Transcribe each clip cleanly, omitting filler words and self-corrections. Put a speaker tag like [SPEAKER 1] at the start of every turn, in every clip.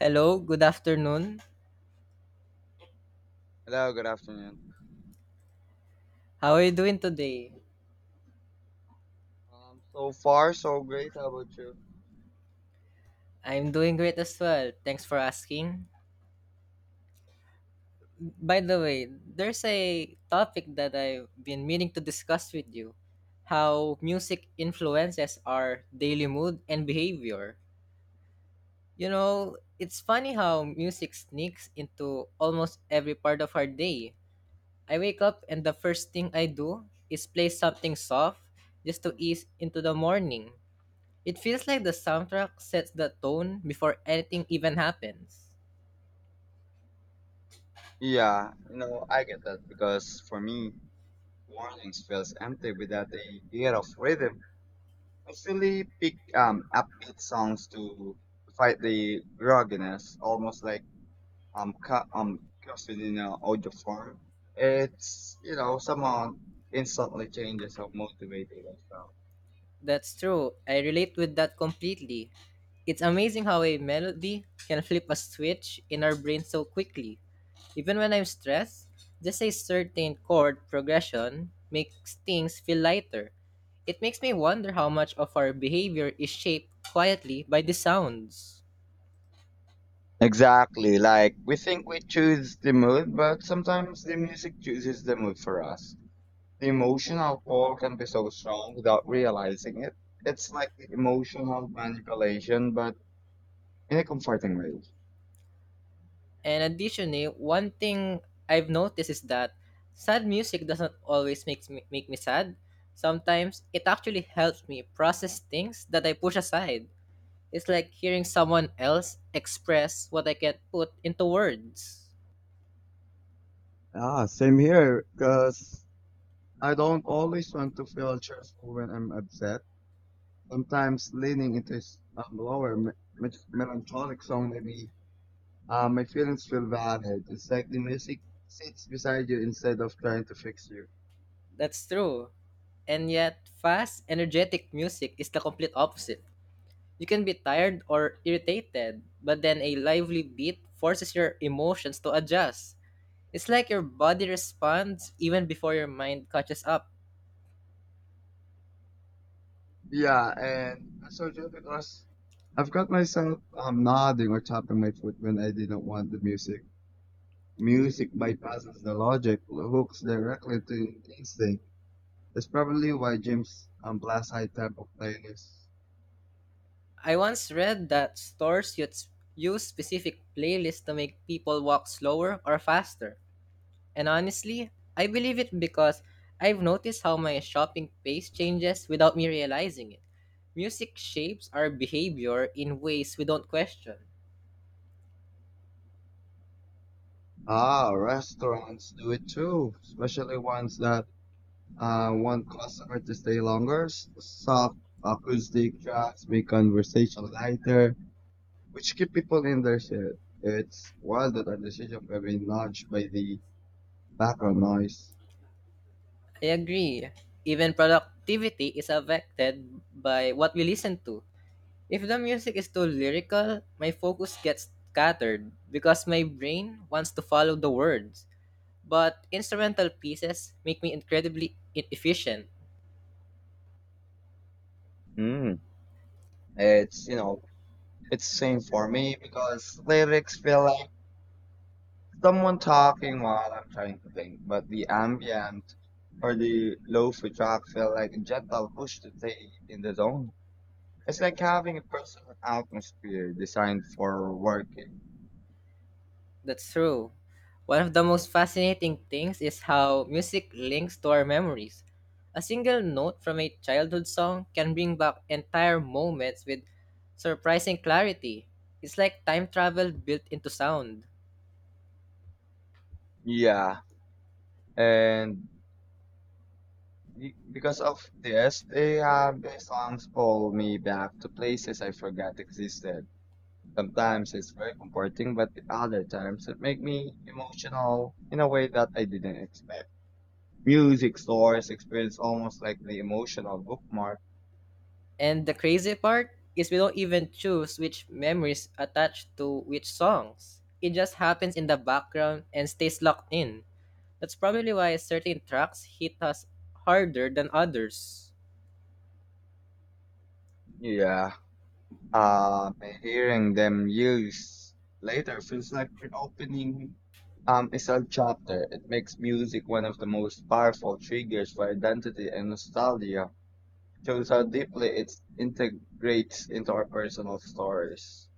[SPEAKER 1] Hello, good afternoon.
[SPEAKER 2] Hello, good afternoon.
[SPEAKER 1] How are you doing today?
[SPEAKER 2] So far, so great. How about you?
[SPEAKER 1] I'm doing great as well. Thanks for asking. By the way, there's a topic that I've been meaning to discuss with you, how music influences our daily mood and behavior. You know, it's funny how music sneaks into almost every part of our day. I wake up and the first thing I do is play something soft just to ease into the morning. It feels like the soundtrack sets the tone before anything even happens.
[SPEAKER 2] Yeah, you know, I get that because for me, mornings feels empty without a bit of rhythm. I usually pick upbeat songs to fight the grogginess, almost like um ca- um coffee in an audio form. It's, you know, somehow instantly changes how motivated I felt.
[SPEAKER 1] That's true. I relate with that completely. It's amazing how a melody can flip a switch in our brain so quickly. Even when I'm stressed, just a certain chord progression makes things feel lighter. It makes me wonder how much of our behavior is shaped quietly by the sounds.
[SPEAKER 2] Exactly, like we think we choose the mood, but sometimes the music chooses the mood for us. The emotional pull can be so strong without realizing it. It's like the emotional manipulation, but in a comforting way.
[SPEAKER 1] And additionally, one thing I've noticed is that sad music doesn't always make me sad. Sometimes it actually helps me process things that I push aside. It's like hearing someone else express what I can't put into words.
[SPEAKER 2] Ah, same here, because I don't always want to feel cheerful when I'm upset. Sometimes leaning into melancholic song maybe my feelings feel valid. It's like the music sits beside you instead of trying to fix you.
[SPEAKER 1] That's true. And yet, fast, energetic music is the complete opposite. You can be tired or irritated, but then a lively beat forces your emotions to adjust. It's like your body responds even before your mind catches up.
[SPEAKER 2] Yeah, and I so you because I've got myself nodding or tapping my foot when I didn't want the music. Music bypasses the logic, hooks directly to instinct. That's probably why James blasts high tempo playlists.
[SPEAKER 1] I once read that stores use specific playlists to make people walk slower or faster. And honestly, I believe it because I've noticed how my shopping pace changes without me realizing it. Music shapes our behavior in ways we don't question.
[SPEAKER 2] Ah, restaurants do it too, especially ones that want customer to stay longer. Soft acoustic tracks make conversation lighter. Which keep people in their seat. It's wild that a decision can be nudged by the background noise.
[SPEAKER 1] I agree. Even productivity is affected by what we listen to. If the music is too lyrical, my focus gets scattered because my brain wants to follow the words. But instrumental pieces make me incredibly efficient.
[SPEAKER 2] Mm. It's, it's same for me because lyrics feel like someone talking while I'm trying to think, but the ambient or the lo-fi track feel like a gentle push to stay in the zone. It's like having a personal atmosphere designed for working.
[SPEAKER 1] That's true. One of the most fascinating things is how music links to our memories. A single note from a childhood song can bring back entire moments with surprising clarity. It's like time travel built into sound.
[SPEAKER 2] Yeah. And Because of this, they have their songs pull me back to places I forgot existed. Sometimes it's very comforting, but the other times it make me emotional in a way that I didn't expect. Music stores experience almost like the emotional bookmark.
[SPEAKER 1] And the crazy part is we don't even choose which memories attach to which songs. It just happens in the background and stays locked in. That's probably why certain tracks hit us harder than others.
[SPEAKER 2] Yeah. Uh, Hearing them used later feels like an opening is a chapter. It makes music one of the most powerful triggers for identity and nostalgia. Shows how deeply it integrates into our personal stories.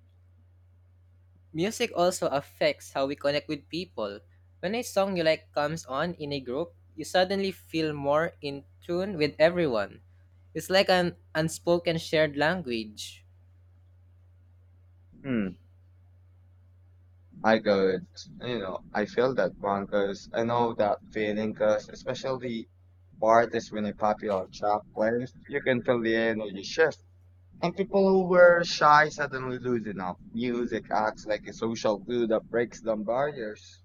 [SPEAKER 1] Music also affects how we connect with people. When a song you like comes on in a group, you suddenly feel more in tune with everyone. It's like an unspoken shared language.
[SPEAKER 2] Hmm, I could, you know, I feel that one because I know that feeling because especially for artists when a popular track plays, you can feel the energy shift. And people who were shy suddenly loosen up. Music acts like a social glue that breaks down barriers.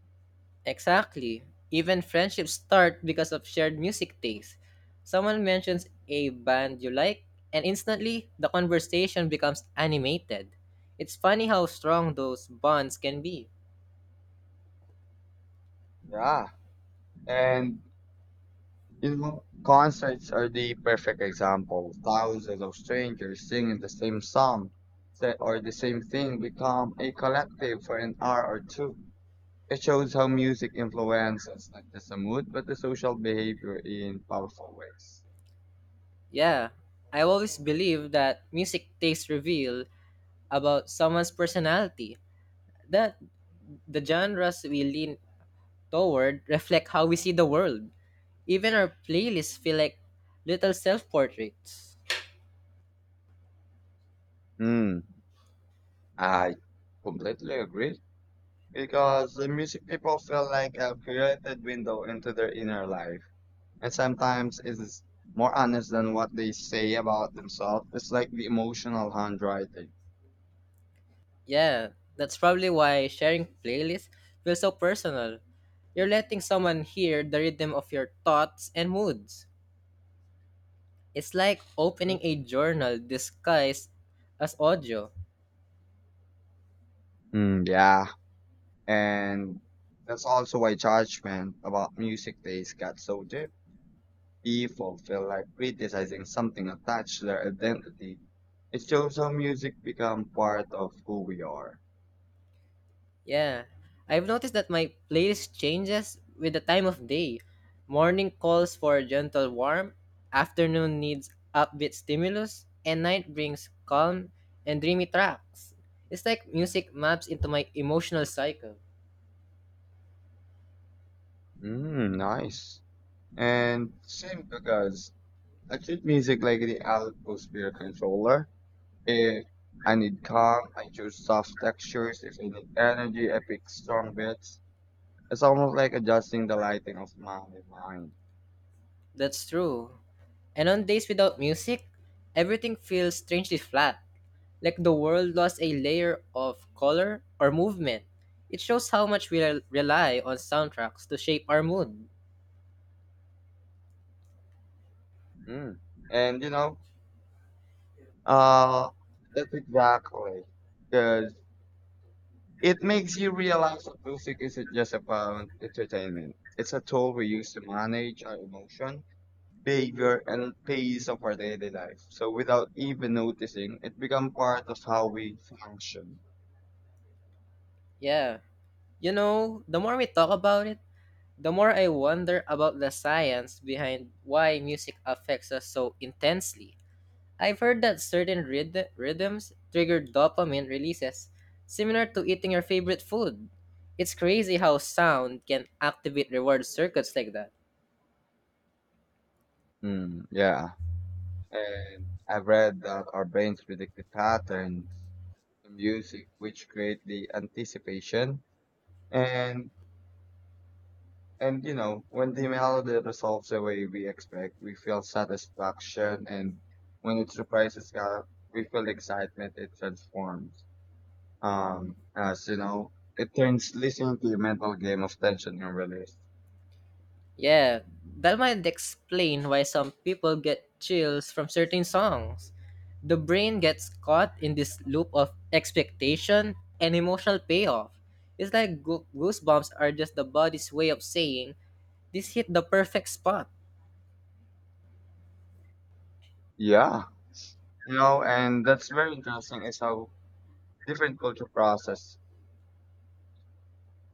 [SPEAKER 1] Exactly. Even friendships start because of shared music taste. Someone mentions a band you like, and instantly the conversation becomes animated. It's funny how strong those bonds can be.
[SPEAKER 2] Yeah. And you know, concerts are the perfect example. Thousands of strangers singing the same song or the same thing become a collective for an hour or two. It shows how music influences not just the mood, but the social behavior in powerful ways.
[SPEAKER 1] Yeah, I always believe that music tastes reveal about someone's personality. That the genres we lean toward reflect how we see the world. Even our playlists feel like little self portraits.
[SPEAKER 2] Hmm. I completely agree because the music people feel like a curated window into their inner life, and sometimes it is more honest than what they say about themselves. It's like the emotional handwriting.
[SPEAKER 1] Yeah, that's probably why sharing playlists feels so personal. You're letting someone hear the rhythm of your thoughts and moods. It's like opening a journal disguised as audio.
[SPEAKER 2] Mm, yeah, and that's also why judgment about music taste got so deep. People feel like criticizing something attached to their identity. It shows how music become part of who we are.
[SPEAKER 1] Yeah, I've noticed that my playlist changes with the time of day. Morning calls for gentle warmth, afternoon needs upbeat stimulus, and night brings calm and dreamy tracks. It's like music maps into my emotional cycle.
[SPEAKER 2] Mm, nice. And same because I treat music like the atmosphere controller. If I need calm, I choose soft textures. If I need energy, I pick strong beats. It's almost like adjusting the lighting of my mind.
[SPEAKER 1] That's true. And on days without music, everything feels strangely flat, like the world lost a layer of color or movement. It shows how much we rely on soundtracks to shape our mood.
[SPEAKER 2] Mm. And you know, uh, that's exactly because it makes you realize that music isn't just about entertainment. It's a tool we use to manage our emotion, behavior, and pace of our daily life. So without even noticing, it becomes part of how we function.
[SPEAKER 1] Yeah. You know, the more we talk about it, the more I wonder about the science behind why music affects us so intensely. I've heard that certain rhythms trigger dopamine releases, similar to eating your favorite food. It's crazy how sound can activate reward circuits like that.
[SPEAKER 2] Mm, yeah. And I've read that our brains predict the pattern, the music, which create the anticipation and And you know, when the melody resolves the way we expect, we feel satisfaction, and when it surprises us, we feel excitement. It transforms us. You know, it turns listening to a mental game of tension and release.
[SPEAKER 1] Yeah, that might explain why some people get chills from certain songs. The brain gets caught in this loop of expectation and emotional payoff. It's like goosebumps are just the body's way of saying, this hit the perfect spot.
[SPEAKER 2] Yeah, you know, and that's very interesting. Is how different culture process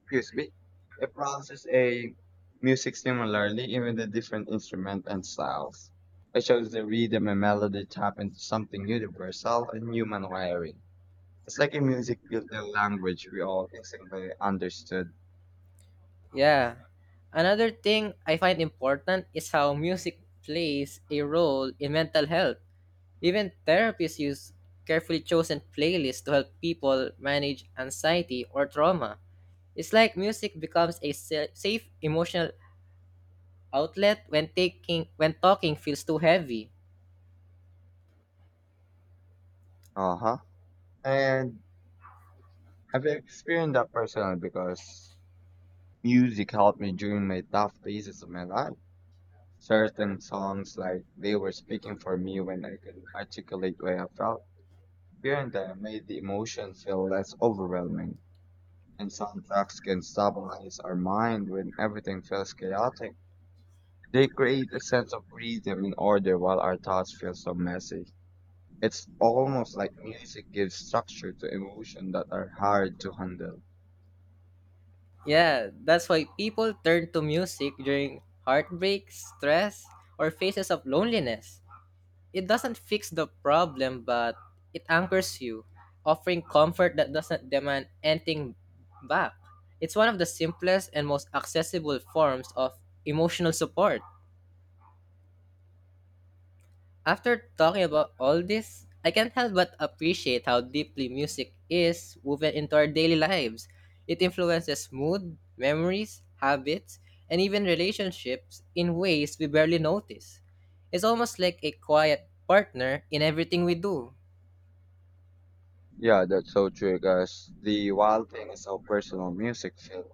[SPEAKER 2] excuse me, it processes a music similarly, even the different instrument and styles. It shows the rhythm and melody tap into something universal and human wiring. It's like a music built a language we all instantly understood.
[SPEAKER 1] Yeah. Another thing I find important is how music plays a role in mental health. Even therapists use carefully chosen playlists to help people manage anxiety or trauma. It's like music becomes a safe emotional outlet when talking feels too heavy.
[SPEAKER 2] Uh huh. And I've experienced that personally because music helped me during my tough phases of my life. Certain songs, like they were speaking for me when I couldn't articulate what I felt. Hearing them made the emotion feel less overwhelming, and soundtracks can stabilize our mind when everything feels chaotic. They create a sense of freedom and order while our thoughts feel so messy. It's almost like music gives structure to emotions that are hard to handle.
[SPEAKER 1] Yeah, that's why people turn to music during heartbreak, stress, or phases of loneliness. It doesn't fix the problem, but it anchors you, offering comfort that doesn't demand anything back. It's one of the simplest and most accessible forms of emotional support. After talking about all this, I can't help but appreciate how deeply music is woven into our daily lives. It influences mood, memories, habits, and even relationships in ways we barely notice. It's almost like a quiet partner in everything we do.
[SPEAKER 2] Yeah, that's so true, guys. The wild thing is how personal music feels.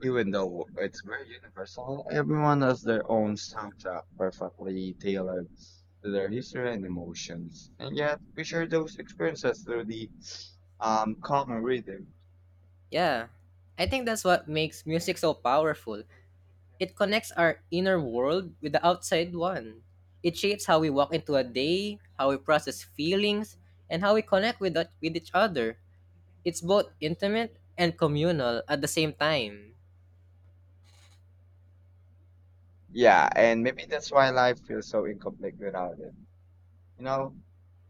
[SPEAKER 2] Even though it's very universal, everyone has their own soundtrack perfectly tailored to their history and emotions. And yet, we share those experiences through the common rhythm.
[SPEAKER 1] Yeah, I think that's what makes music so powerful. It connects our inner world with the outside one. It shapes how we walk into a day, how we process feelings, and how we connect with each other. It's both intimate and communal at the same time.
[SPEAKER 2] Yeah, and maybe that's why life feels so incomplete without it. You know,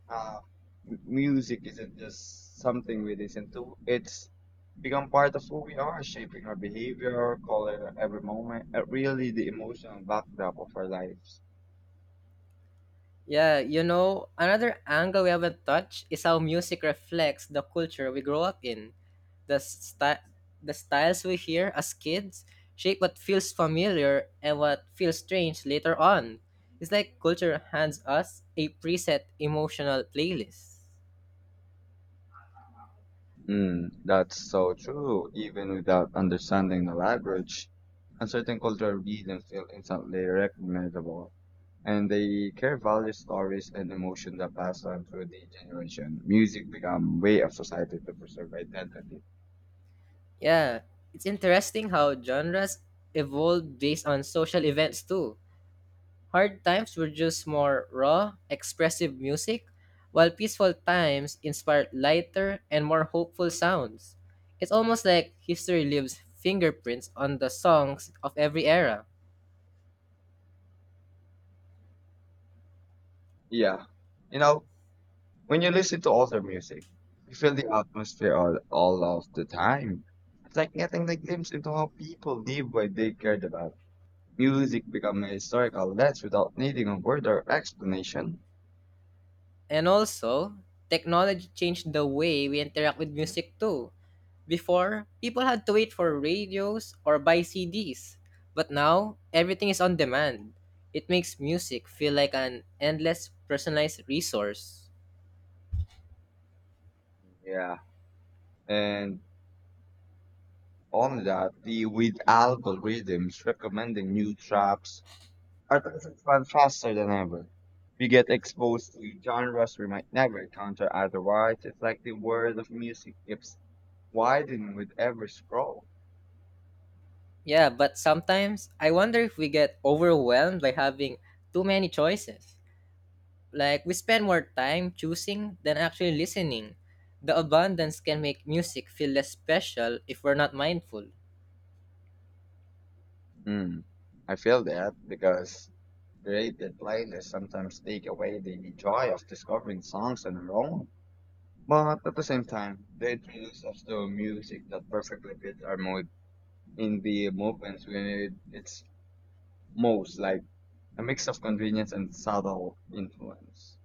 [SPEAKER 2] uh, music isn't just something we listen to, it's become part of who we are, shaping our behavior, color every moment, and really the emotional backdrop of our lives.
[SPEAKER 1] Yeah, you know, another angle we haven't touched is how music reflects the culture we grow up in. The sty- the styles we hear as kids shape what feels familiar and what feels strange later on. It's like culture hands us a preset emotional playlist.
[SPEAKER 2] Mm, that's so true. Even without understanding the language, uncertain cultural regions feel instantly recognizable, and they care value stories and emotions that pass on through the generation. Music become way of society to preserve identity.
[SPEAKER 1] Yeah, it's interesting how genres evolve based on social events too. Hard times were just more raw, expressive music, while peaceful times inspired lighter and more hopeful sounds. It's almost like history leaves fingerprints on the songs of every era.
[SPEAKER 2] Yeah, you know, when you listen to older music, you feel the atmosphere all of the time. It's like getting the glimpse into how people live what they cared about. Music become a historical lens without needing a further explanation.
[SPEAKER 1] And also, technology changed the way we interact with music too. Before, people had to wait for radios or buy CDs. But now, everything is on demand. It makes music feel like an endless personalized resource.
[SPEAKER 2] Yeah. And on that, the with algorithms recommending new traps, our preferences expand faster than ever. We get exposed to genres we might never encounter otherwise. It's like the world of music keeps widening with every scroll.
[SPEAKER 1] Yeah, but sometimes I wonder if we get overwhelmed by having too many choices. Like we spend more time choosing than actually listening. The abundance can make music feel less special if we're not mindful.
[SPEAKER 2] Mm. I feel that because created playlists sometimes take away the joy of discovering songs on their own. But at the same time, they introduce us to music that perfectly fits our mood in the moments when it's most like a mix of convenience and subtle influence.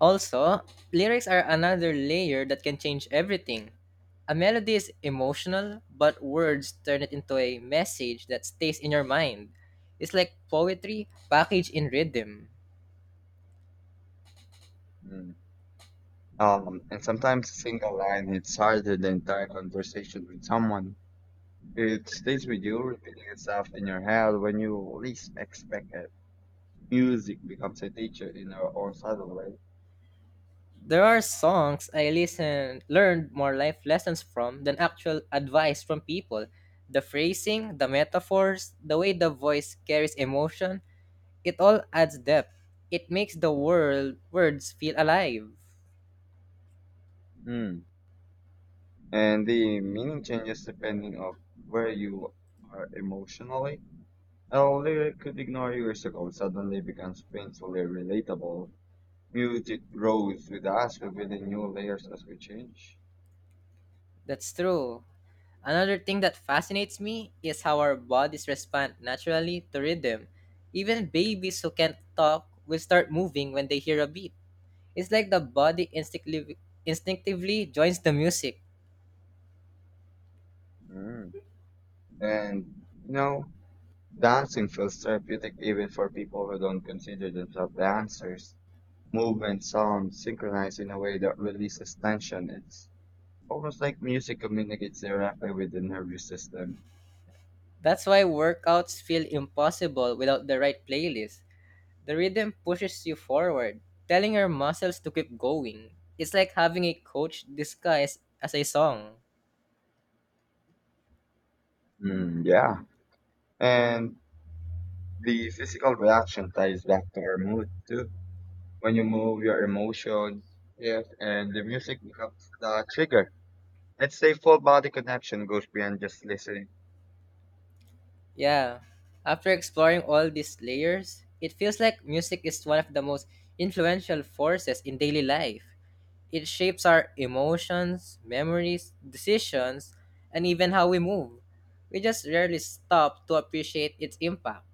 [SPEAKER 1] Also, lyrics are another layer that can change everything. A melody is emotional, but words turn it into a message that stays in your mind. It's like poetry packaged in rhythm.
[SPEAKER 2] Mm. And sometimes a single line hits harder than entire conversation with someone. It stays with you, repeating itself in your head when you least expect it. Music becomes a teacher in our own subtle way.
[SPEAKER 1] There are songs I listened, learned more life lessons from than actual advice from people. The phrasing, the metaphors, the way the voice carries emotion, it all adds depth. It makes the world words feel alive.
[SPEAKER 2] Mm. And the meaning changes depending on where you are emotionally. A lyric could ignore years ago suddenly becomes painfully relatable. Music grows with us revealing new layers as we change.
[SPEAKER 1] That's true. Another thing that fascinates me is how our bodies respond naturally to rhythm. Even babies who can't talk will start moving when they hear a beat. It's like the body instinctively joins the music.
[SPEAKER 2] Mm. And you know, dancing feels therapeutic even for people who don't consider themselves dancers. Movement, sound, synchronized in a way that releases tension. It's almost like music communicates directly with the nervous system.
[SPEAKER 1] That's why workouts feel impossible without the right playlist. The rhythm pushes you forward, telling your muscles to keep going. It's like having a coach disguised as a song.
[SPEAKER 2] Mm, yeah. And the physical reaction ties back to our mood too. When you move your emotion yes and the music becomes the trigger let's say full body connection goes beyond just listening.
[SPEAKER 1] Yeah. After exploring all these layers, it feels like music is one of the most influential forces in daily life. It shapes our emotions, memories, decisions, and even how we move. We just rarely stop to appreciate its impact.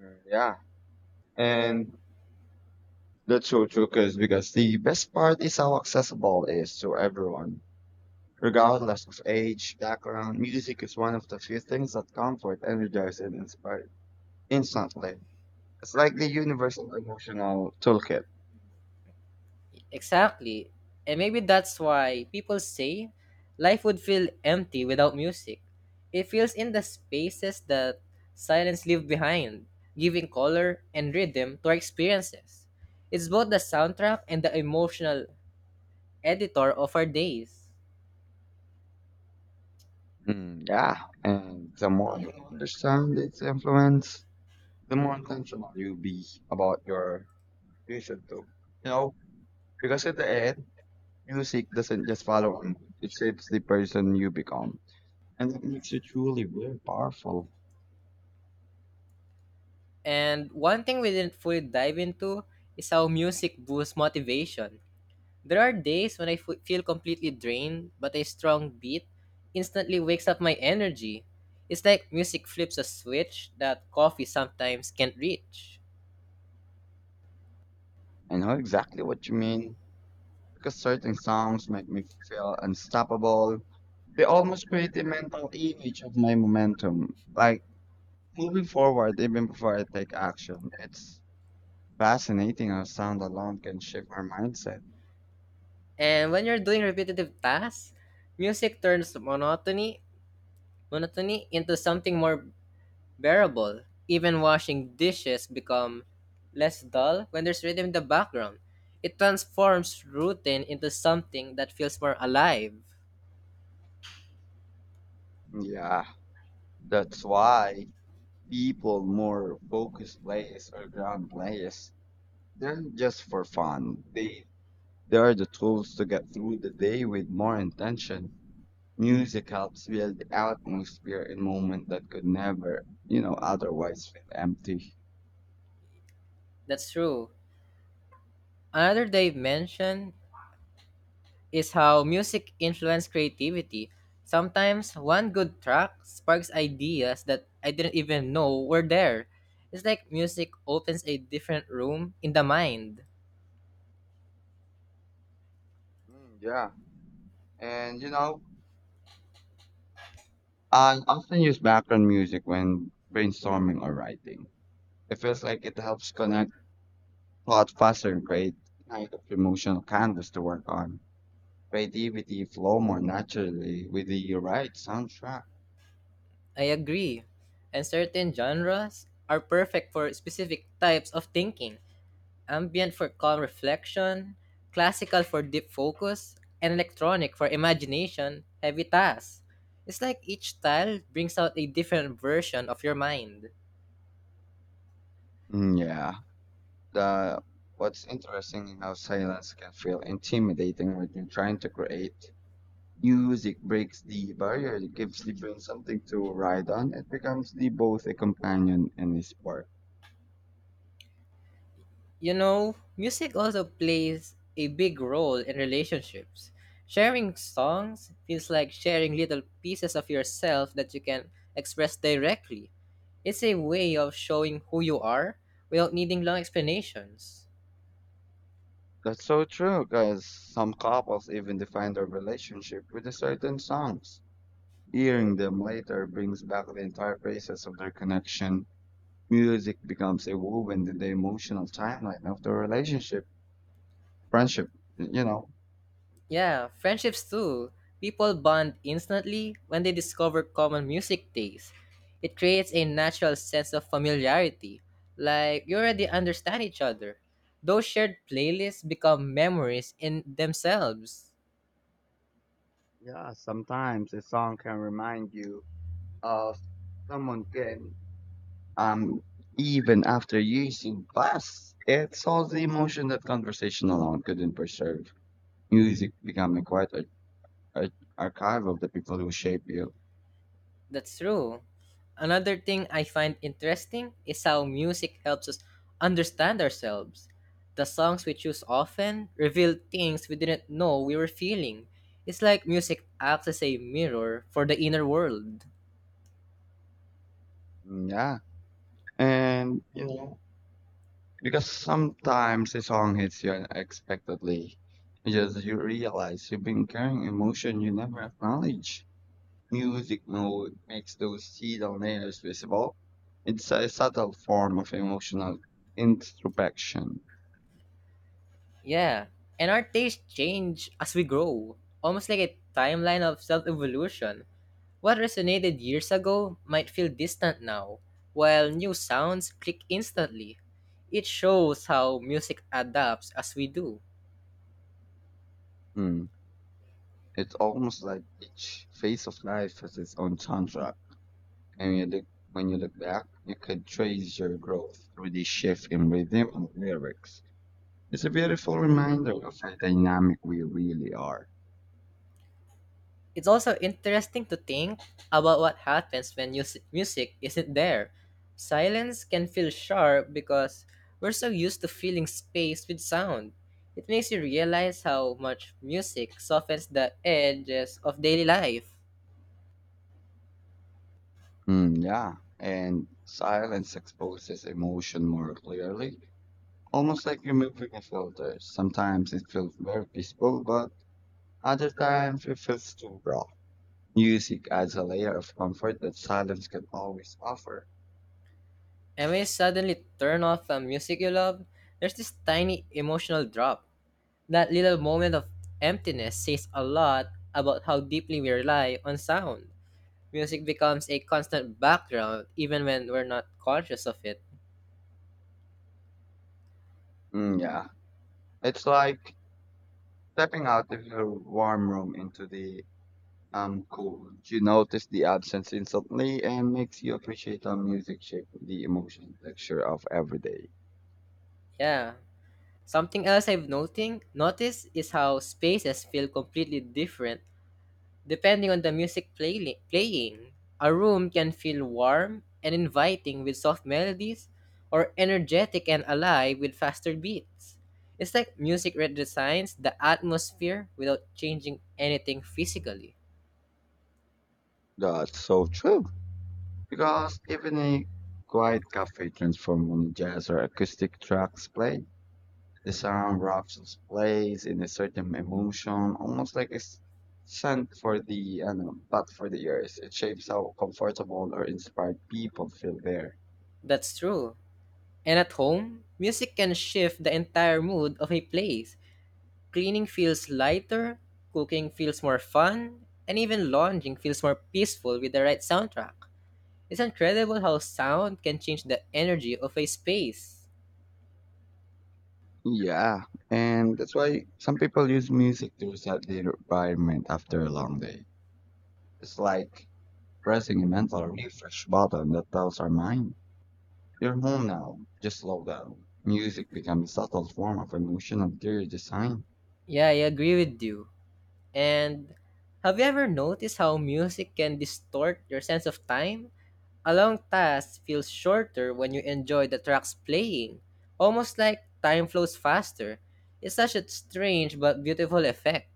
[SPEAKER 2] Mm, yeah, and that's so true because the best part is how accessible it is to everyone regardless of age background music is one of the few things that comfort energize and inspire instantly. It's like the universal emotional toolkit.
[SPEAKER 1] Exactly. And maybe that's why people say life would feel empty without music. It fills in the spaces that silence leaves behind, giving color and rhythm to our experiences. It's both the soundtrack and the emotional editor of our days.
[SPEAKER 2] Mm, yeah, and the more you understand its influence the more intentional you be about your vision too. You know, because at the end, music doesn't just follow on. It shapes the person you become. And that makes you truly very powerful.
[SPEAKER 1] And one thing we didn't fully dive into is how music boosts motivation. There are days when I feel completely drained, but a strong beat instantly wakes up my energy. It's like music flips a switch that coffee sometimes can't reach.
[SPEAKER 2] I know exactly what you mean. Because certain songs make me feel unstoppable. They almost create a mental image of my momentum. Like moving forward even before I take action. It's fascinating how sound alone can shape our mindset.
[SPEAKER 1] And when you're doing repetitive tasks, music turns monotony into something more bearable. Even washing dishes become less dull when there's rhythm in the background. It transforms routine into something that feels more alive.
[SPEAKER 2] Yeah. That's why people more focused players or ground players. They're just for fun. They are the tools to get through the day with more intention. Music helps build the atmosphere in moment that could never, you know, otherwise feel empty.
[SPEAKER 1] That's true. Another Dave mentioned is how music influenced creativity. Sometimes one good track sparks ideas that I didn't even know were there. It's like music opens a different room in the mind.
[SPEAKER 2] Mm, yeah, and you know, I often use background music when brainstorming or writing. It feels like it helps connect thought faster and create kind of emotional canvas to work on. Creativity flow more naturally with the right soundtrack.
[SPEAKER 1] I agree. And certain genres are perfect for specific types of thinking, ambient for calm reflection, classical for deep focus, and electronic for imagination, heavy tasks. It's like each style brings out a different version of your mind.
[SPEAKER 2] Mm, yeah. The what's interesting is how silence can feel intimidating when you're trying to create. Music breaks the barrier, it gives the brain something to ride on. It becomes the both a companion and a spark.
[SPEAKER 1] You know, music also plays a big role in relationships. Sharing songs feels like sharing little pieces of yourself that you can express directly. It's a way of showing who you are without needing long explanations.
[SPEAKER 2] That's so true, because some couples even define their relationship with a certain songs. Hearing them later brings back the entire process of their connection. Music becomes a woven in the emotional timeline of the relationship, friendship, you know.
[SPEAKER 1] Yeah, friendships too. People bond instantly when they discover common music tastes. It creates a natural sense of familiarity, like you already understand each other. Those shared playlists become memories in themselves.
[SPEAKER 2] Yeah, sometimes a song can remind you of someone. Can Um, even after years in past, it solves the emotion that conversation alone couldn't preserve. Music becoming quite a archive of the people who shape you.
[SPEAKER 1] That's true. Another thing I find interesting is how music helps us understand ourselves. The songs we choose often reveal things we didn't know we were feeling. It's like music acts as a mirror for the inner world.
[SPEAKER 2] Mm, yeah, and you know. Because sometimes a song hits you unexpectedly, because you realize you've been carrying emotion you never acknowledge. Music mode makes those hidden layers visible. It's a subtle form of emotional introspection.
[SPEAKER 1] Yeah, and our tastes change as we grow, almost like a timeline of self evolution. What resonated years ago might feel distant now, while new sounds click instantly. It shows how music adapts as we do.
[SPEAKER 2] Hmm. It's almost like each phase of life has its own soundtrack, and when you look back, you could trace your growth through this shift in rhythm and lyrics. It's a beautiful reminder of how dynamic we really are.
[SPEAKER 1] It's also interesting to think about what happens when music isn't there. Silence can feel sharp because we're so used to filling space with sound. It makes you realize how much music softens the edges of daily life.
[SPEAKER 2] Mm, yeah, and silence exposes emotion more clearly, almost like removing a filter. Sometimes it feels very peaceful, but other times it feels too raw. Music adds a layer of comfort that silence can always offer.
[SPEAKER 1] And when you suddenly turn off a music you love, there's this tiny emotional drop. That little moment of emptiness says a lot about how deeply we rely on sound. Music becomes a constant background even when we're not conscious of it.
[SPEAKER 2] Mm, yeah, it's like stepping out of your warm room into the cold. You notice the absence instantly and makes you appreciate how music shapes the emotional texture of every day.
[SPEAKER 1] Yeah. Something else I've noticed is how spaces feel completely different depending on the music playing. A room can feel warm and inviting with soft melodies or energetic and alive with faster beats. It's like music redesigns the atmosphere without changing anything physically.
[SPEAKER 2] That's so true. Because even a quiet cafe transforms when jazz or acoustic tracks play. The sound wraps its place in a certain emotion, almost like a scent for the, I know, but for the ears. It shapes how comfortable or inspired people feel there.
[SPEAKER 1] That's true. And at home, music can shift the entire mood of a place. Cleaning feels lighter, cooking feels more fun, and even lounging feels more peaceful with the right soundtrack. It's incredible how sound can change the energy of a space.
[SPEAKER 2] Yeah, and that's why some people use music to reset their environment after a long day. It's like pressing a mental refresh button that tells our mind you're home now. Just slow down. Music becomes a subtle form of emotional interior design.
[SPEAKER 1] Yeah, I agree with you. And have you ever noticed how music can distort your sense of time? A long task feels shorter when you enjoy the tracks playing, almost like time flows faster. It's such a strange but beautiful effect.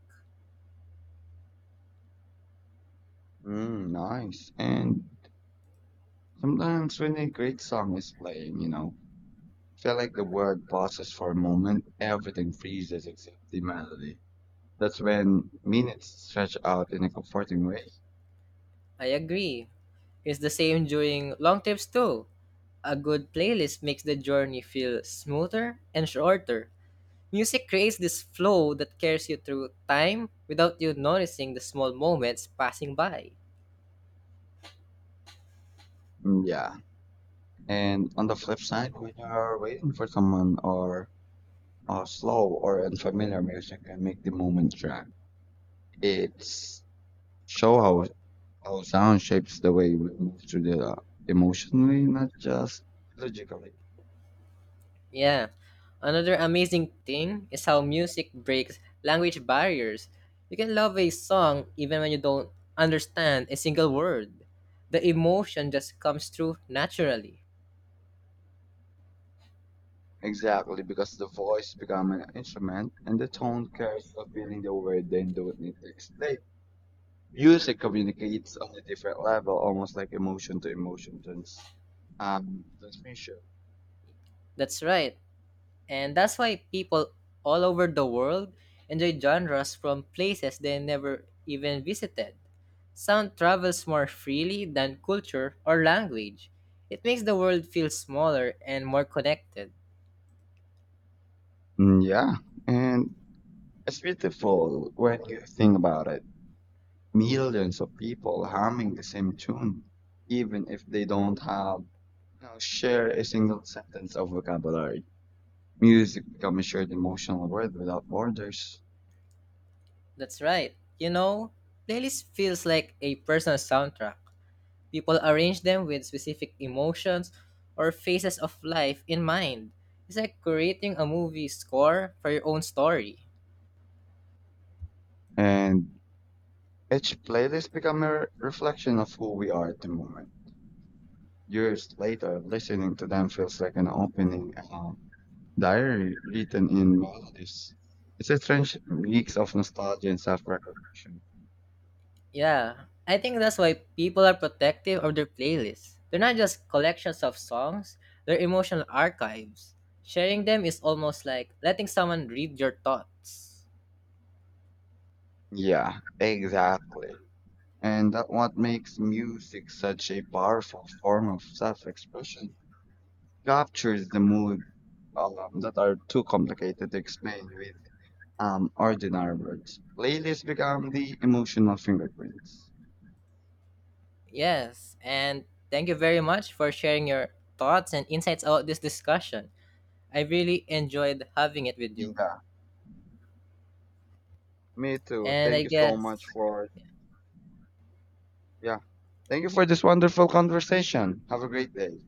[SPEAKER 2] Mm, nice. And sometimes when a great song is playing, you know, feel like the world pauses for a moment, everything freezes except the melody. That's when minutes stretch out in a comforting way.
[SPEAKER 1] I agree. It's the same during long trips too. A good playlist makes the journey feel smoother and shorter. Music creates this flow that carries you through time without you noticing the small moments passing by.
[SPEAKER 2] Mm, yeah. And on the flip side, when you're waiting for someone or slow or unfamiliar music can make the moment drag. It's show how sound shapes the way we move through the emotionally, not just logically.
[SPEAKER 1] Yeah. Another amazing thing is how music breaks language barriers. You can love a song even when you don't understand a single word. The emotion just comes through naturally.
[SPEAKER 2] Exactly, because the voice becomes an instrument and the tone carries the feeling the word then don't need to explain. Music communicates on a different level, almost like emotion to emotion transmission.
[SPEAKER 1] That's right. And that's why people all over the world enjoy genres from places they never even visited. Sound travels more freely than culture or language. It makes the world feel smaller and more connected.
[SPEAKER 2] Mm, yeah, and it's beautiful when you think about it. Millions of people humming the same tune, even if they don't have, you know, share a single sentence of vocabulary. Music become a shared emotional world without borders,
[SPEAKER 1] That's right. You know, playlist feels like a personal soundtrack. People arrange them with specific emotions or phases of life in mind. It's like creating a movie score for your own story.
[SPEAKER 2] and each playlist become a reflection of who we are at the moment. Years later, listening to them feels like an opening diary written in melodies. It's a strange mix of nostalgia and self-recognition.
[SPEAKER 1] Yeah, I think that's why people are protective of their playlists. They're not just collections of songs, they're emotional archives. Sharing them is almost like letting someone read your thoughts.
[SPEAKER 2] Yeah, exactly. and that what makes music such a powerful form of self-expression captures the mood that are too complicated to explain with ordinary words. Playlists become the emotional fingerprints.
[SPEAKER 1] Yes, and thank you very much for sharing your thoughts and insights about this discussion. I really enjoyed having it with you.
[SPEAKER 2] Yeah, me too.
[SPEAKER 1] And I
[SPEAKER 2] Thank you so much
[SPEAKER 1] guess
[SPEAKER 2] for yeah. Thank you for this wonderful conversation. Have a great day.